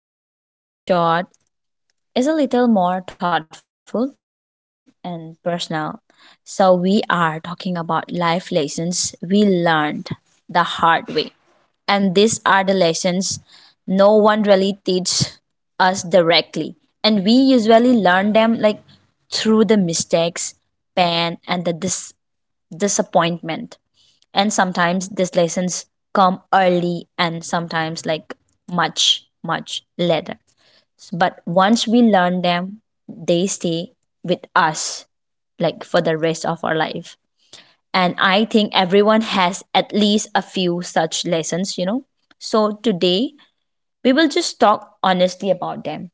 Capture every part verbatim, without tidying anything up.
So, today's and this episode is a little more thoughtful and personal. So, we are talking about life lessons we learned the hard way. And these are the lessons no one really teaches us directly. And we usually learn them like through the mistakes, pain, and the dis- disappointment. And sometimes these lessons come early and sometimes like much, much later. But once we learn them, they stay with us like for the rest of our life. And I think everyone has at least a few such lessons, you know. So today we will just talk honestly about them.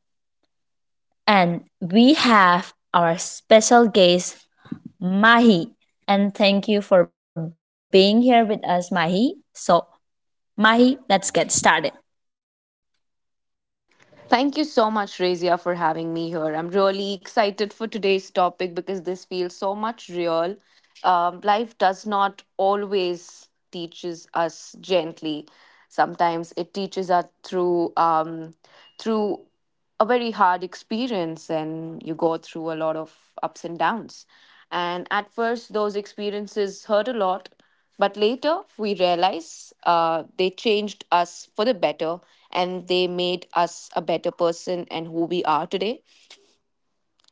And we have our special guest Mahi. And thank you for being here with us, Mahi. So, Mahi, let's get started. Thank you so much, Razia, for having me here. I'm really excited for today's topic because this feels so much real. Um, life does not always teaches us gently. Sometimes it teaches us through um, through a very hard experience, and you go through a lot of ups and downs. And at first, those experiences hurt a lot, but later we realize uh, they changed us for the better, and they made us a better person and who we are today.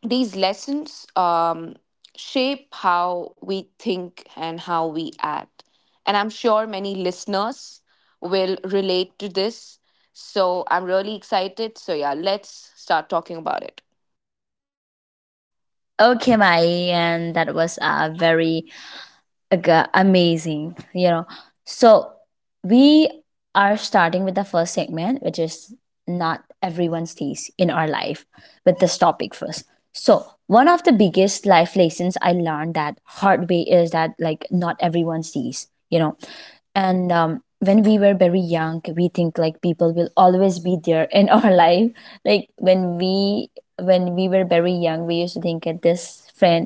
These lessons um, shape how we think and how we act. And I'm sure many listeners will relate to this. So I'm really excited. So, yeah, let's start talking about it. Okay, Mahi, and that was a very Aga- amazing, you know. So we are starting with the first segment, which is not everyone's days in our life. With this topic first, so one of the biggest life lessons I learned that hard way is that, like, not everyone's days, you know. And um, when we were very young, we think like people will always be there in our life. Like when we, when we were very young, we used to think that this friend,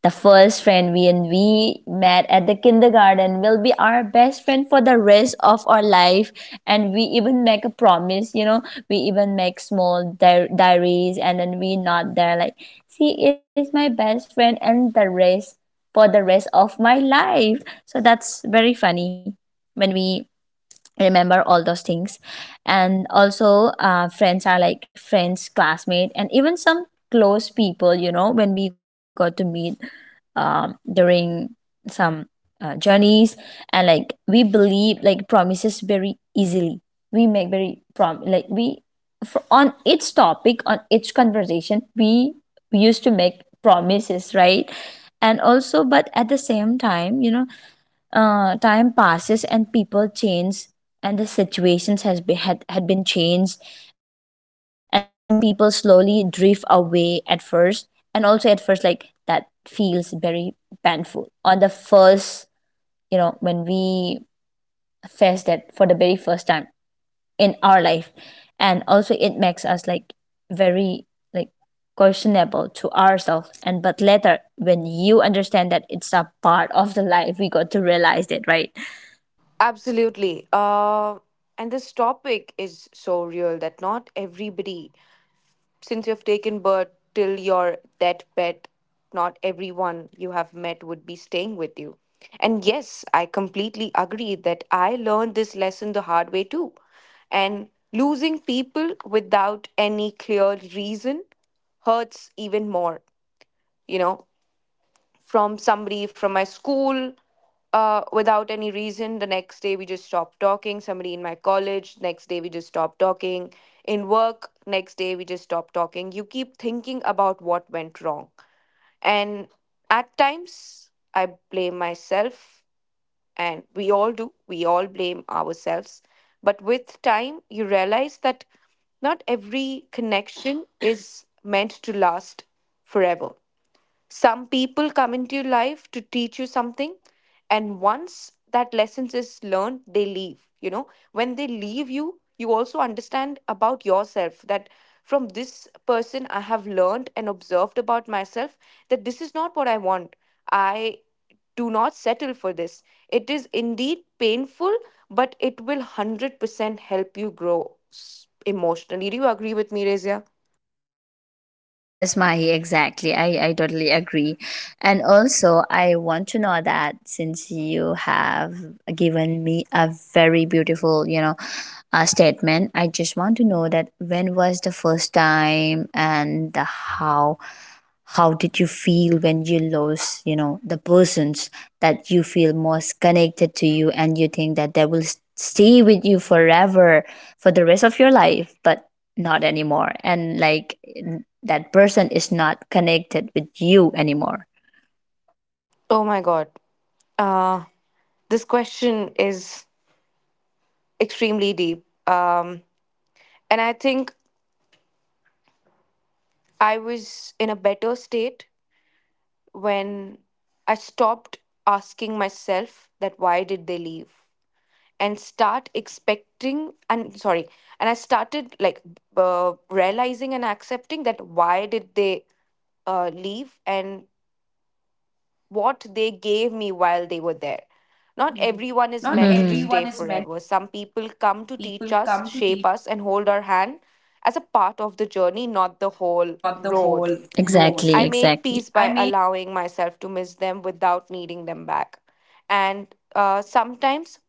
the first friend we and we met at the kindergarten, will be our best friend for the rest of our life. And we even make a promise, you know, we even make small di- diaries and then we not there like, she is my best friend and the rest, for the rest of my life. So that's very funny when we remember all those things. And also, uh, friends are like friends, classmate, and even some close people, you know, when we got to meet, um, during some uh, journeys, and like we believe like promises very easily. We make very prom like we for, on each topic, on each conversation, we we used to make promises, right? And also, but at the same time, you know, uh, time passes and people change, and the situations has been had, had been changed, and some people slowly drift away at first. And also at first, like, that feels very painful on the first, you know, when we face that for the very first time in our life. And also it makes us like very like questionable to ourselves. And but later, when you understand that it's a part of the life, we got to realize it, right? Absolutely. Uh, and this topic is so real that not everybody, since you've taken birth till your that pet, not everyone you have met would be staying with you. And yes, I completely agree that I learned this lesson the hard way too. And losing people without any clear reason hurts even more, you know, from somebody from my school, uh, without any reason. The next day, we just stopped talking. Somebody in my college, next day, we just stopped talking. In work, next day, we just stopped talking. You keep thinking about what went wrong. And at times, I blame myself, and we all do. We all blame ourselves. But with time, you realize that not every connection is meant to last forever. Some people come into your life to teach you something, and once that lesson is learned, they leave. You know, when they leave you, you also understand about yourself that from this person I have learned and observed about myself that this is not what I want. I do not settle for this. It is indeed painful, but it will one hundred percent help you grow s- emotionally. Do you agree with me, Razia? Yes, Mahi, exactly. I, I totally agree. And also, I want to know that since you have given me a very beautiful, you know, uh, statement, I just want to know that when was the first time and the how how did you feel when you lost, you know, the persons that you feel most connected to you, and you think that they will s- stay with you forever for the rest of your life, but not anymore, and like n- that person is not connected with you anymore. Oh my God. Uh, this question is extremely deep. Um, and I think I was in a better state when I stopped asking myself that why did they leave and start expecting and sorry, and I started like b- uh, realizing and accepting that why did they uh, leave, and what they gave me while they were there. Not, mhm, everyone is Not mm, meant to everyone stay is meant. forever. Some people come Some to teach people us, come, shape us, and hold our hand as a part of the journey, not the whole not the road. whole whole. Exactly, exactly. I Exactly, make exactly, peace I by mean, allowing myself to miss them without needing them back. And uh, sometimes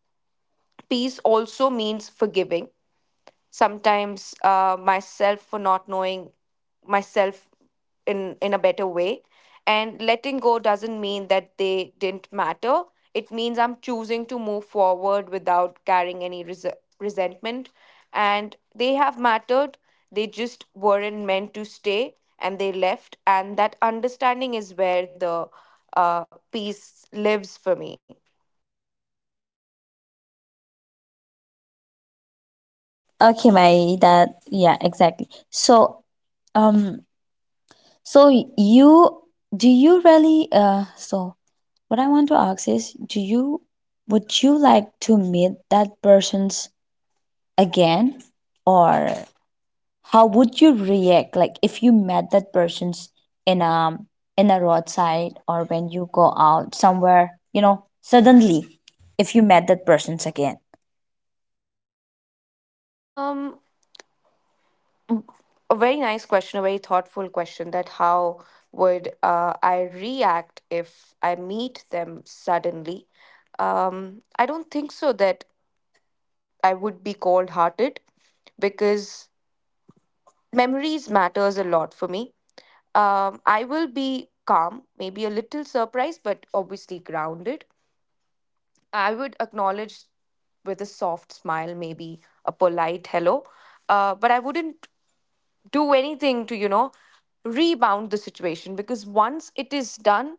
peace also means forgiving, sometimes uh, myself for not knowing myself in in a better way. And letting go doesn't mean that they didn't matter. It means I'm choosing to move forward without carrying any res- resentment. And they have mattered. They just weren't meant to stay, and they left. And that understanding is where the uh, peace lives for me. okay, my that, yeah, exactly. So um, so you, do you really uh, so what I want to ask is, do you, would you like to meet that person's again, or how would you react, like, if you met that person's in a, in a roadside, or when you go out somewhere, you know, suddenly if you met that person's again? um a very nice question, a very thoughtful question, that how would uh, I react if I meet them suddenly? Um, I don't think so that I would be cold hearted, because memories matters a lot for me. Um, I will be calm, maybe a little surprised, but obviously grounded. I would acknowledge with a soft smile, maybe a polite hello, uh, but I wouldn't do anything to, you know, rebound the situation, because once it is done,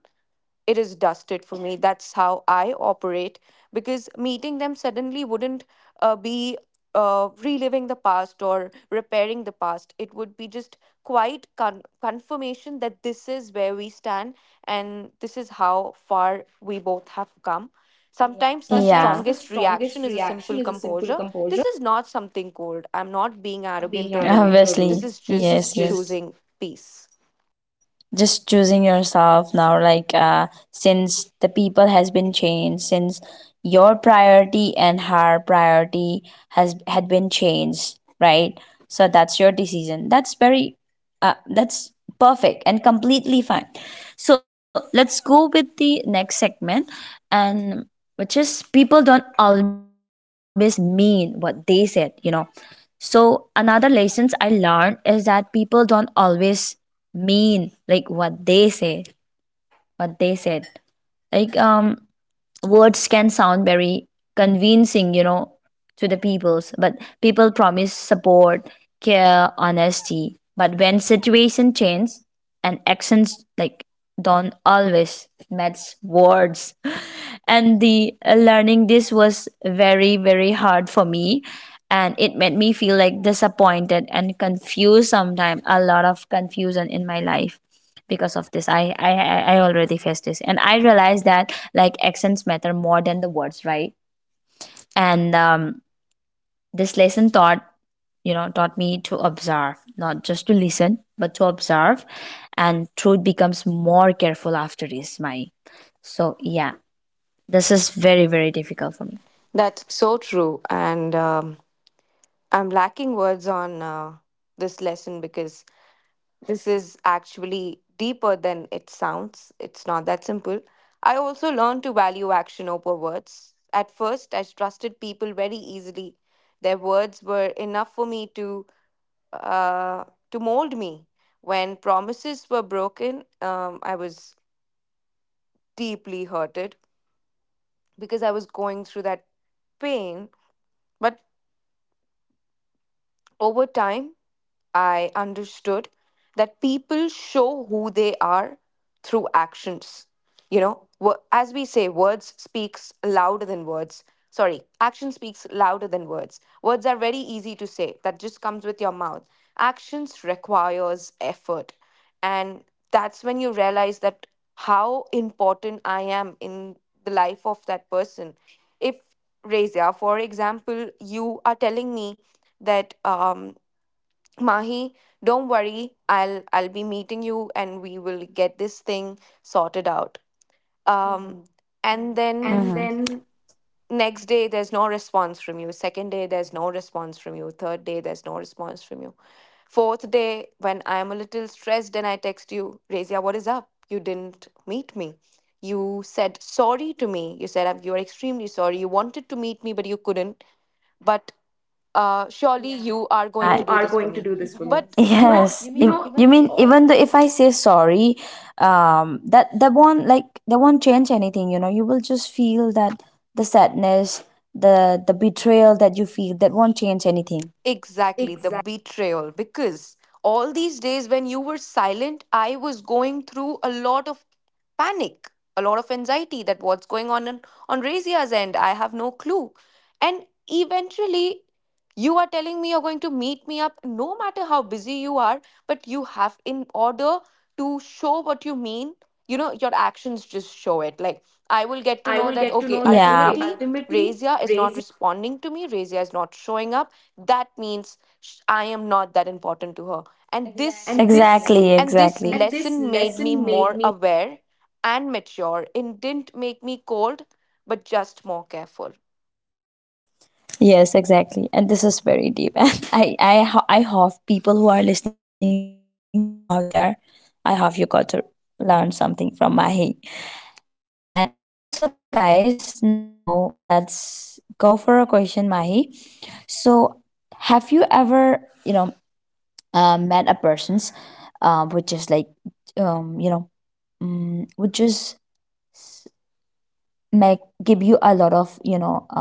it is dusted for me. That's how I operate, because meeting them suddenly wouldn't uh, be uh, reliving the past or repairing the past. It would be just quite con- confirmation that this is where we stand and this is how far we both have come. Sometimes the Sometimes, yeah, the strongest strongest reaction is a reaction simple is a simple composure. composure, This is not something cold. I'm not being not being arrogant or arrogant or rude. rude. Obviously, This this is is, yes, just just, yes just choosing peace. just choosing yourself now. Like, uh, since the people has been changed, since your priority and her priority has had been changed, right? So that's your decision. That's very, uh, that's perfect and completely fine. So let's go with the next segment, and which is people don't always mean what they said, you know. So another lessons I learned is that people don't always mean, like, what they say, what they said. Like, um words can sound very convincing, you know, to the peoples, but people promise support, care, honesty. But when situation change, and actions like don't always match words. And the uh, learning this was very very hard for me, and it made me feel like disappointed and confused. Sometimes a lot of confusion in my life because of this. I, I i I already faced this, and I realized that, like, accents matter more than the words, right? And um, this lesson taught, you know, taught me to observe, not just to listen but to observe. And truth becomes more careful after this, my. So yeah, this is very very difficult for me. That's so true. And um, I'm lacking words on uh, this lesson, because this is actually deeper than it sounds. It's not that simple. I also learned to value action over words. At first, I trusted people very easily. Their words were enough for me to uh, to mold me. When promises were broken, um, I was deeply hurted, because I was going through that pain. But over time, I understood that people show who they are through actions. You know, wo- as we say, words speaks louder than words. Sorry, action speaks louder than words. Words are very easy to say. That just comes with your mouth. Actions requires effort. And that's when you realize that how important I am in the life of that person. If Reza, for example, you are telling me that um. Mahi, don't worry. I'll I'll be meeting you and we will get this thing sorted out. Um Mhm. And And then hmm, then next day there's no response from you. Second day there's no response from you. Third day there's no response from you. Fourth day, when I am a little stressed and I text you, Razia, what is up? You didn't meet me. You said sorry to me. You said, "I'm- you are extremely sorry. You wanted to meet me but you couldn't. But uh, surely, yeah, uh, you surely, are going yeah, to you do are this for going to me. do this for But me. But yes, you know, you yes, you mean if, o- know, even you the mean, if I even say though s- if I say sorry, um, that, that won't, like, that won't change anything. You know, you will just feel that the sadness, the the betrayal that you feel, that won't change anything. exactly, the Exactly, betrayal, because all these days when you were silent, I was going through a lot of panic, a lot of anxiety that what's going on on, on Razia's end. I have no clue. And eventually, you are telling me you're going to meet me up no matter how busy you are, but you have in order to show what you mean, you know your actions just show it. Like, I will get to I know will that, yeah, get to okay, know that, yeah, okay, ultimately ultimately Razia is not raising. responding to me. Razia is not showing up. That means sh- I am not that important to her. And this, And this, exactly, exactly, exactly, and this exactly. And this lesson made me lesson made more me, aware and mature. It didn't make me cold, but just more careful. yes, exactly. And this is very deep. And I, I, ho- I hope people who are listening out there, I hope you got to learn something from Mahi. And also, guys, now let's go for a question, Mahi. So, have you ever, you know, uh, met a person's, um, which is like, um, you know, um, which is s- make give you a lot of, you know, um,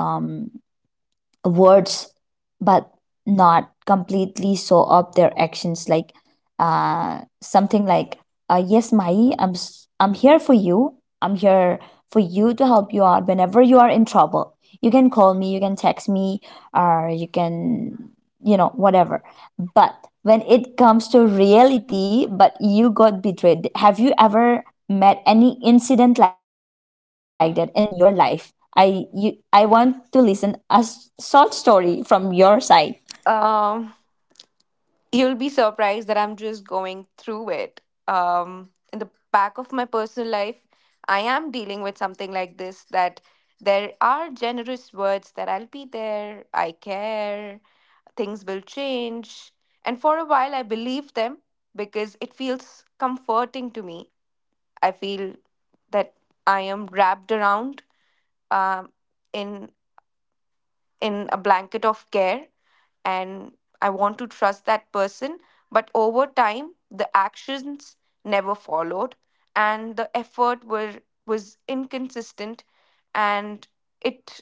words, but not completely show up their actions? Like uh, something like, uh, yes, Mai, i'm s- I'm here for you, I'm here for you to help you out whenever you are in trouble. You can call me, you can text me, or you can, you know, whatever. But when it comes to reality, but you got betrayed. Have you ever met any incident like that in your life? I you, I want to listen a s- short story from your side. um you'll be surprised that I'm just going through it. Um, in the back of my personal life, I am dealing with something like this, that there are generous words that I'll be there, I care, things will change. And for a while, I believe them, because it feels comforting to me. I feel that I am wrapped around um, in in a blanket of care, and I want to trust that person. But over time, the actions never followed, and the effort were was inconsistent, and it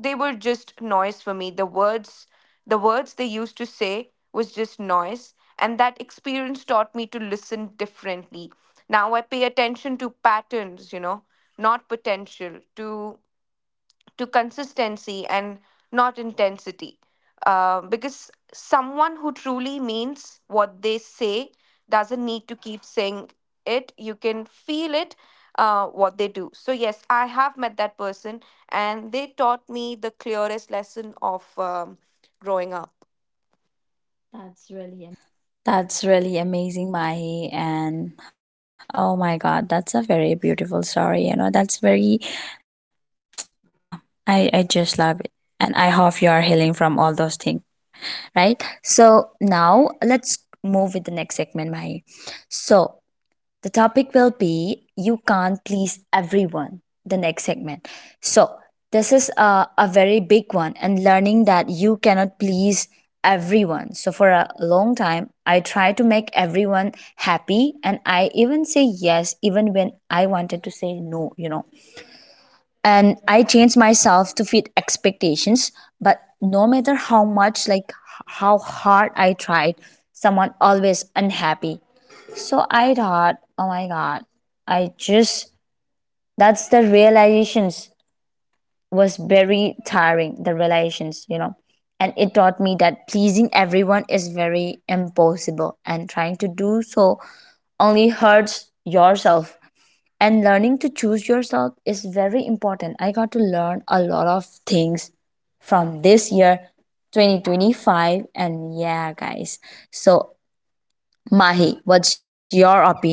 they were just noise for me. The words the words they used to say was just noise, and that experience taught me to listen differently. Now I pay attention to patterns, you know, not potential. To to consistency and not intensity. Uh, because someone who truly means what they say doesn't need to keep saying it. You can feel it, uh, what they do. So, yes, I have met that person, and they taught me the clearest lesson of um, growing up. That's really. That's really amazing, Mahi. And oh my God, that's a very beautiful story. You know, that's very, I, I just love it. And I hope you are healing from all those things, right? So now let's move with the next segment, Mahi. So the topic will be You Can't Please Everyone, the next segment. So, this is a, a very big one, and learning that you cannot please everyone. So, for a long time, I tried to make everyone happy, and I even say yes, even when I wanted to say no, you know. And I changed myself to fit expectations, but no matter how much, like, h- how hard I tried, someone always unhappy. So I thought, oh my god, I just, that's the realizations, was very tiring, the realizations, you know. And it taught me that pleasing everyone is very impossible, and trying to do so only hurts yourself. And learning to choose yourself is very important. I got to learn a lot of things from this year, twenty twenty-five. And yeah, guys, so Mahi, what's your opinion?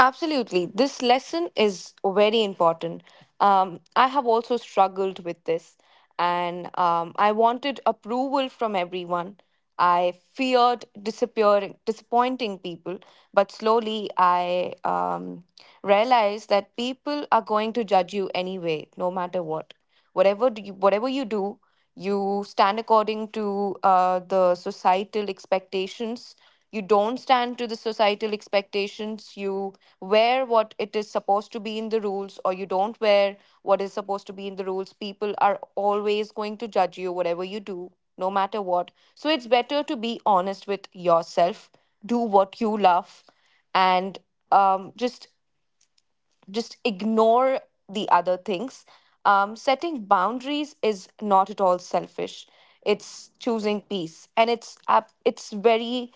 Absolutely. This lesson is very important. Um, I have also struggled with this, and um, I wanted approval from everyone. I feared disappearing, disappointing people, but slowly I um, realized that people are going to judge you anyway, no matter what. Whatever do you, whatever you do, you stand according to uh, the societal expectations. You don't stand to the societal expectations. You wear what it is supposed to be in the rules, or you don't wear what is supposed to be in the rules, people are always going to judge you, whatever you do, no matter what. So it's better to be honest with yourself, do what you love, and um, just just ignore the other things. Um, setting boundaries is not at all selfish. It's choosing peace, and it's up. It's very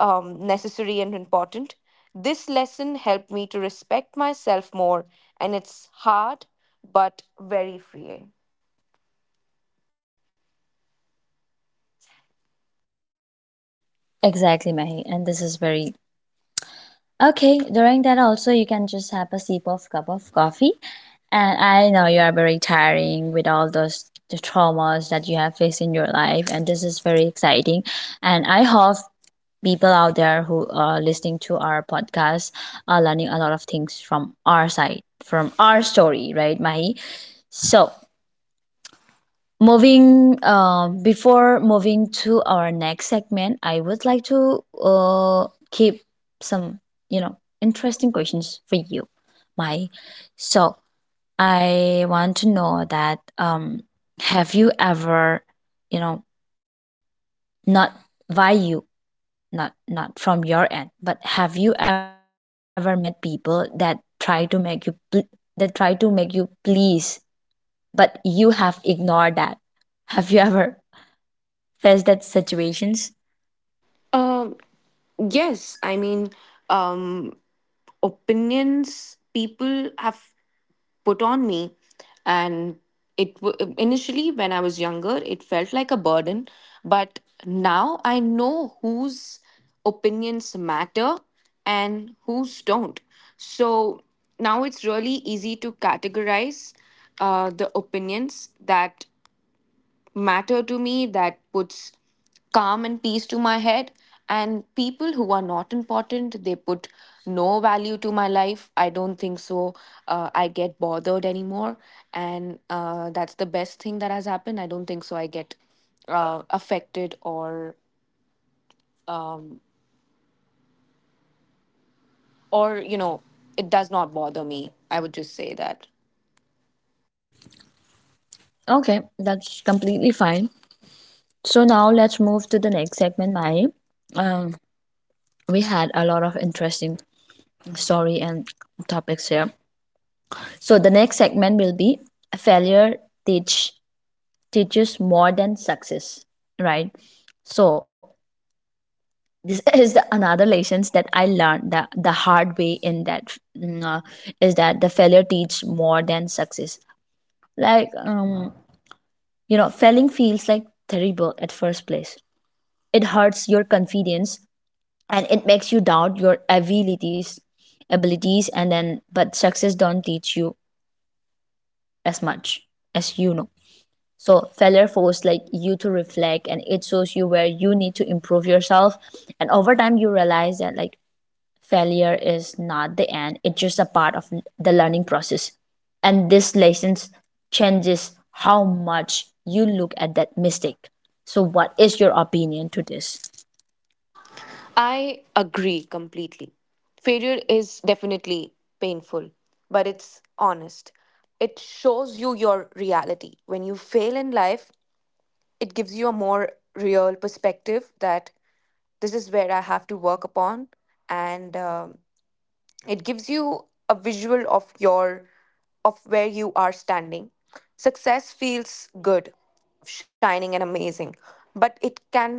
um, necessary and important. This lesson helped me to respect myself more, and it's hard but very freeing. Exactly, Mahi, and this is very, okay, during that also you can just have a sip of cup of coffee. And I know you are very tiring with all those, the traumas that you have faced in your life, and this is very exciting. And I hope people out there who are listening to our podcast are learning a lot of things from our side, from our story, right, Mahi? So, moving, um, before moving to our next segment, I would like to uh keep some, you know, interesting questions for you, Mahi. So, I want to know that, um, have you ever, you know, not value, not not from your end, but have you ever met people that try to make you pl- that try to make you please, but you have ignored that? Have you ever faced that situations? Um, yes, I mean, um, opinions, people have put on me, and it w- initially when I was younger, it felt like a burden. But now I know whose opinions matter and whose don't. So now it's really easy to categorize uh, the opinions that matter to me, that puts calm and peace to my head. And people who are not important, they put no value to my life. I don't think so. Uh, I get bothered anymore. And uh, that's the best thing that has happened. I don't think so. I get uh, affected, or um, or, you know, it does not bother me. I would just say that. Okay, that's completely fine. So now let's move to the next segment, Mai. um we had a lot of interesting story and topics here. So the next segment will be failure teach teaches more than success, right? So this is the another lessons that I learned the, the hard way in that mm, uh, is that the failure teach more than success. like um you know, failing feels like terrible at first place. It hurts your confidence and it makes you doubt your abilities abilities and then but success don't teach you as much, as you know. So failure forces like you to reflect and it shows you where you need to improve yourself. And over time you realize that, like, failure is not the end, it's just a part of the learning process. And this lessons changes how much you look at that mistake. So what is your opinion to this? I agree completely. Failure is definitely painful, but it's honest. It shows you your reality. When you fail in life, it gives you a more real perspective that this is where I have to work upon, and um, it gives you a visual of your of where you are standing. Success feels good, shining and amazing, but it can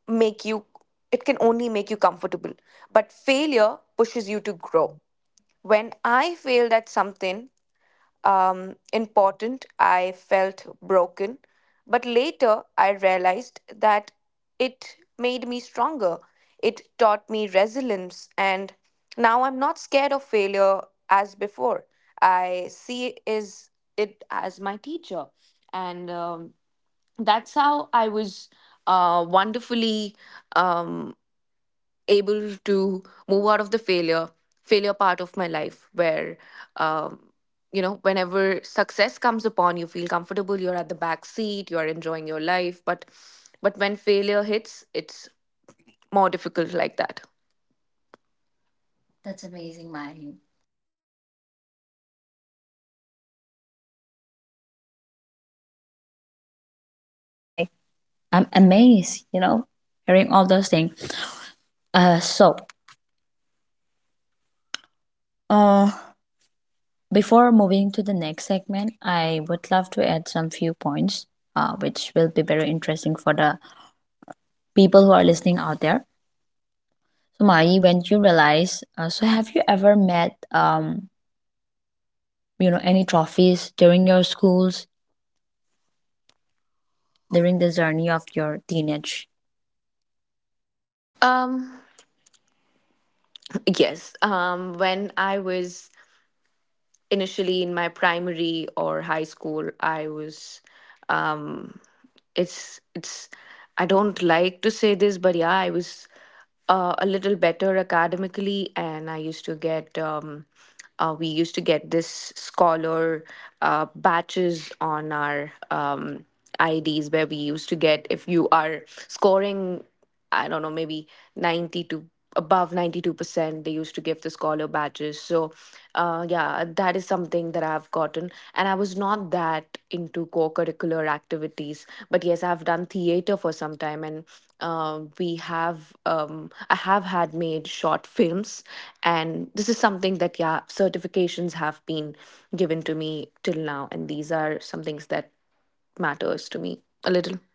make you it can only make you comfortable, but failure pushes you to grow. When I failed at something um, important, I felt broken. But later, I realized that it made me stronger. It taught me resilience. And now I'm not scared of failure as before. I see is it as my teacher. And um, that's how I was uh, wonderfully Um able to move out of the failure failure part of my life where, um, you know, whenever success comes upon, you feel comfortable, you're at the back seat, you're enjoying your life, but but when failure hits, it's more difficult like that. That's amazing, That's Mahi. amazing, Mahi. That- that's a very very good choice that you have made. The decisions that you made is very amazing and i i'm amazed, you know, hearing all those things. uh so uh Before moving to the next segment, I would love to add some few points, uh, which will be very interesting for the people who are listening out there. So, Mari, when you realize, uh, so have you ever met, um, you know, any trophies during your schools, during the journey of your teenage? um yes, um when I was initially in my primary or high school, I was, um it's it's I don't like to say this, but yeah, I was uh, a little better academically, and I used to get, um uh, we used to get this scholar uh, batches on our um ids, where we used to get, if you are scoring, I don't know, maybe ninety-two, above ninety-two percent they used to give the scholar badges. So uh, yeah, that is something that I've gotten, and I was not that into co-curricular activities, but yes, I've done theater for some time, and uh, we have um, I have had made short films, and this is something that, yeah, certifications have been given to me till now, and these are some things that matters to me a little.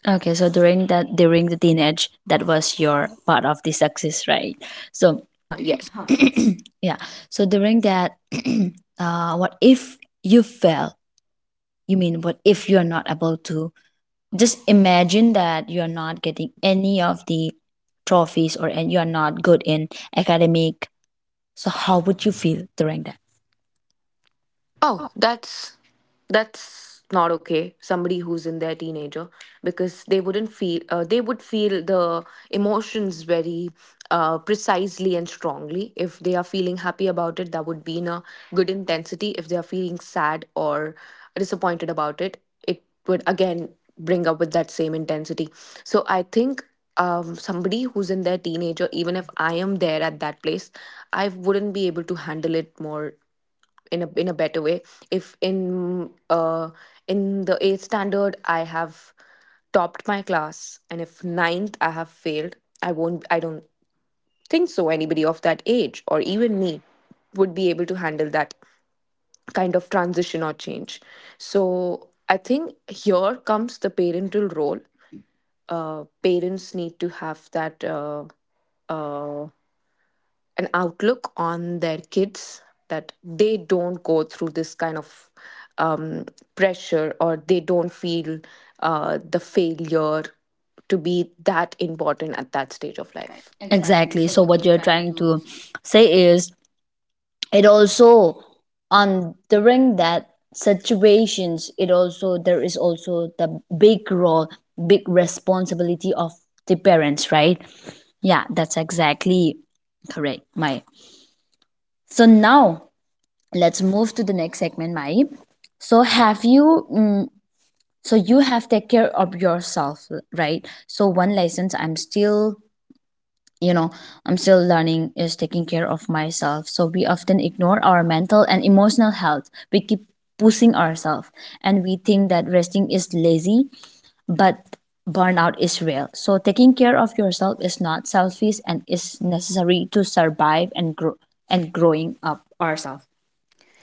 Okay, so during that, during the teenage, that was your part of the success, right? So, Okay, yes. yeah. So during that, uh, what if you fail? You mean what if you're not able to just imagine that you're not getting any of the trophies or and you are not good in academic. So how would you feel during that? Oh, that's that's not okay. Somebody who's in their teenager, because they wouldn't feel, uh, they would feel the emotions very uh, precisely and strongly. If they are feeling happy about it, that would be in a good intensity. If they are feeling sad or disappointed about it, it would again bring up with that same intensity. So I think, um, somebody who's in their teenager, even if I am there at that place, I wouldn't be able to handle it more in a in a better way. If in uh in the eighth standard I have topped my class, and if ninth I have failed, I won't I don't think so anybody of that age, or even me, would be able to handle that kind of transition or change. So I think here comes the parental role. Uh parents need to have that uh uh an outlook on their kids, that they don't go through this kind of um, pressure, or they don't feel uh, the failure to be that important at that stage of life. Exactly. Exactly. So So what what you're you're trying trying to... to say is it also on during that situations it also there is also the big role, big responsibility of the parents, right? Yeah, that's exactly correct, my. So now let's move to the next segment, Mai. So have you mm, so you have take care of yourself, right? So one lessons I'm still, you know, I'm still learning is taking care of myself. So we often ignore our mental and emotional health. We keep pushing ourselves and we think that resting is lazy, but burnout is real. So taking care of yourself is not selfish and is necessary to survive and grow and growing up ourselves.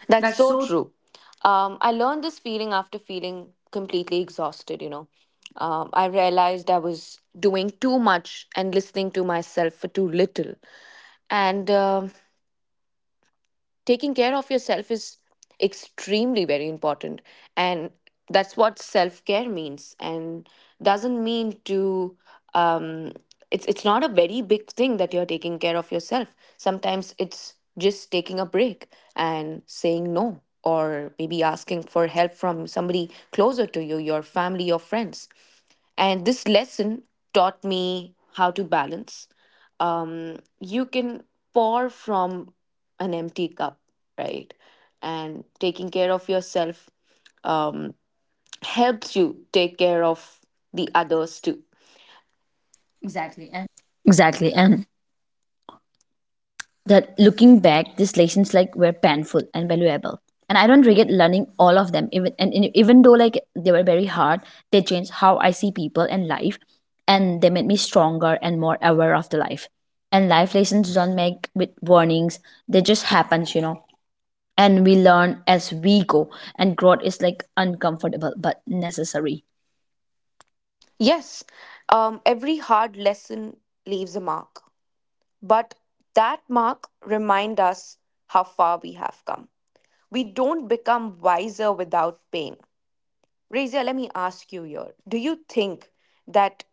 That's so true. Um, I learned this feeling after feeling completely exhausted, you know. Um, I realized I was doing too much and listening to myself for too little. And um taking care of yourself is extremely very important, and that's what self-care means, and doesn't mean to, um it's it's not a very big thing that you're taking care of yourself. Sometimes it's just taking a break and saying no, or maybe asking for help from somebody closer to you, your family or friends. And this lesson taught me how to balance. You can pour from an empty cup, right? And taking care of yourself, um, helps you take care of the others too. Exactly. Exactly. And And that looking back, these lessons like were painful and valuable. And I don't regret learning all of them. Even and, and even though like they were very hard, they changed how I see people and life. And they made me stronger and more aware of the life. And life lessons don't make with warnings. They just happens, you know. And we learn as we go. And growth is like uncomfortable but necessary. yes, um, every hard lesson leaves a mark, but that mark reminds us how far we have come. We don't become wiser without pain. Razia, let me ask you here. Do you think that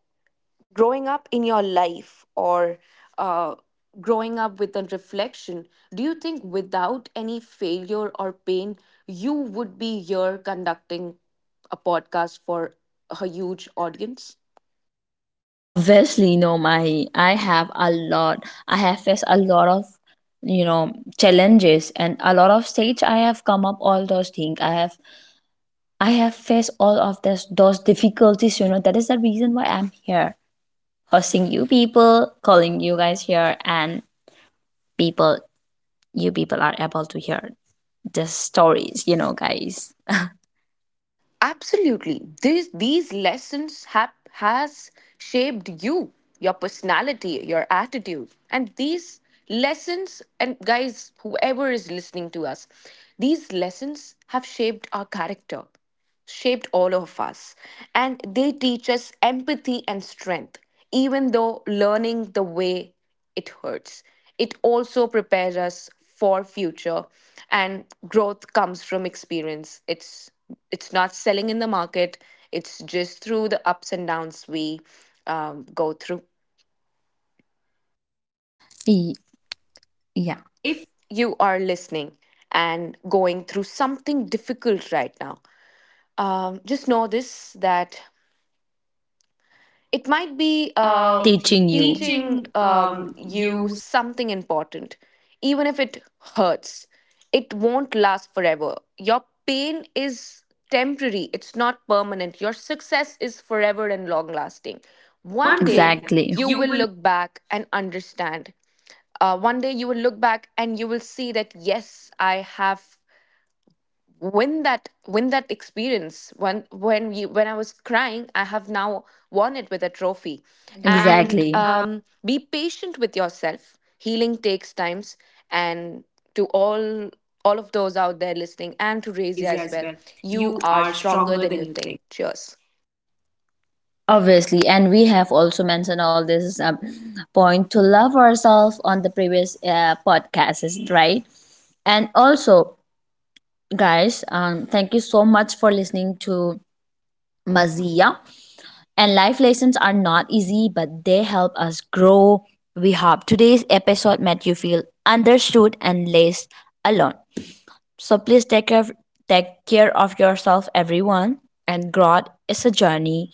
growing up in your life, or uh, growing up with a reflection, do you think without any failure or pain, you would be here conducting a podcast for a huge audience? Obviously, no, my, I have a lot. I have faced a lot of, you know, challenges and a lot of stage. I have come up all those things. I have, I have faced all of this those difficulties. You know that is the reason why I'm here hosting you people, calling you guys here, and people, you people are able to hear the stories, you know, guys. Absolutely. These these lessons have has shaped you, your personality, your attitude. And these lessons, and guys, whoever is listening to us, these lessons have shaped our character, shaped all of us. And they teach us empathy and strength. Even though learning the way, it hurts, it also prepares us for future, and growth comes from experience. It's it's not selling in the market. It's just through the ups and downs we, um, go through. E- Yeah, if If you are listening and going through something difficult right now, um, just know this, that it might be we uh, are teaching teaching you. You teaching teaching um, um, you you something important, even if it hurts. It won't last forever. Your pain is temporary, it's not permanent. Your success is forever and long lasting. one One day day, exactly, exactly. you You will will. look back and understand. Uh, one day you will look back and you will see that, yes, I have, when that when that experience, when when you when I was crying, I have now won it with a trophy. And And exactly, exactly. uh, um, be patient with yourself. Healing takes times. And to all all of those out there listening, and and to to Razia Razia as as well, well. you You are are stronger stronger than than you you think. think. Cheers. Obviously, and we have also mentioned all this um, point to love ourselves on the previous uh, podcasts, right? And also, guys, um, thank you so much for listening to Mazia. And life lessons are not easy, but they help us grow. We hope today's episode made you feel understood and less alone. So please take care, take care of yourself, everyone. And growth is a journey.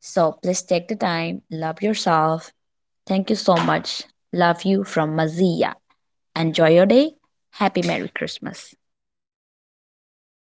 So please take the time, love yourself. Thank you so much. Love you from Mazia. Enjoy your day. Happy Merry Christmas.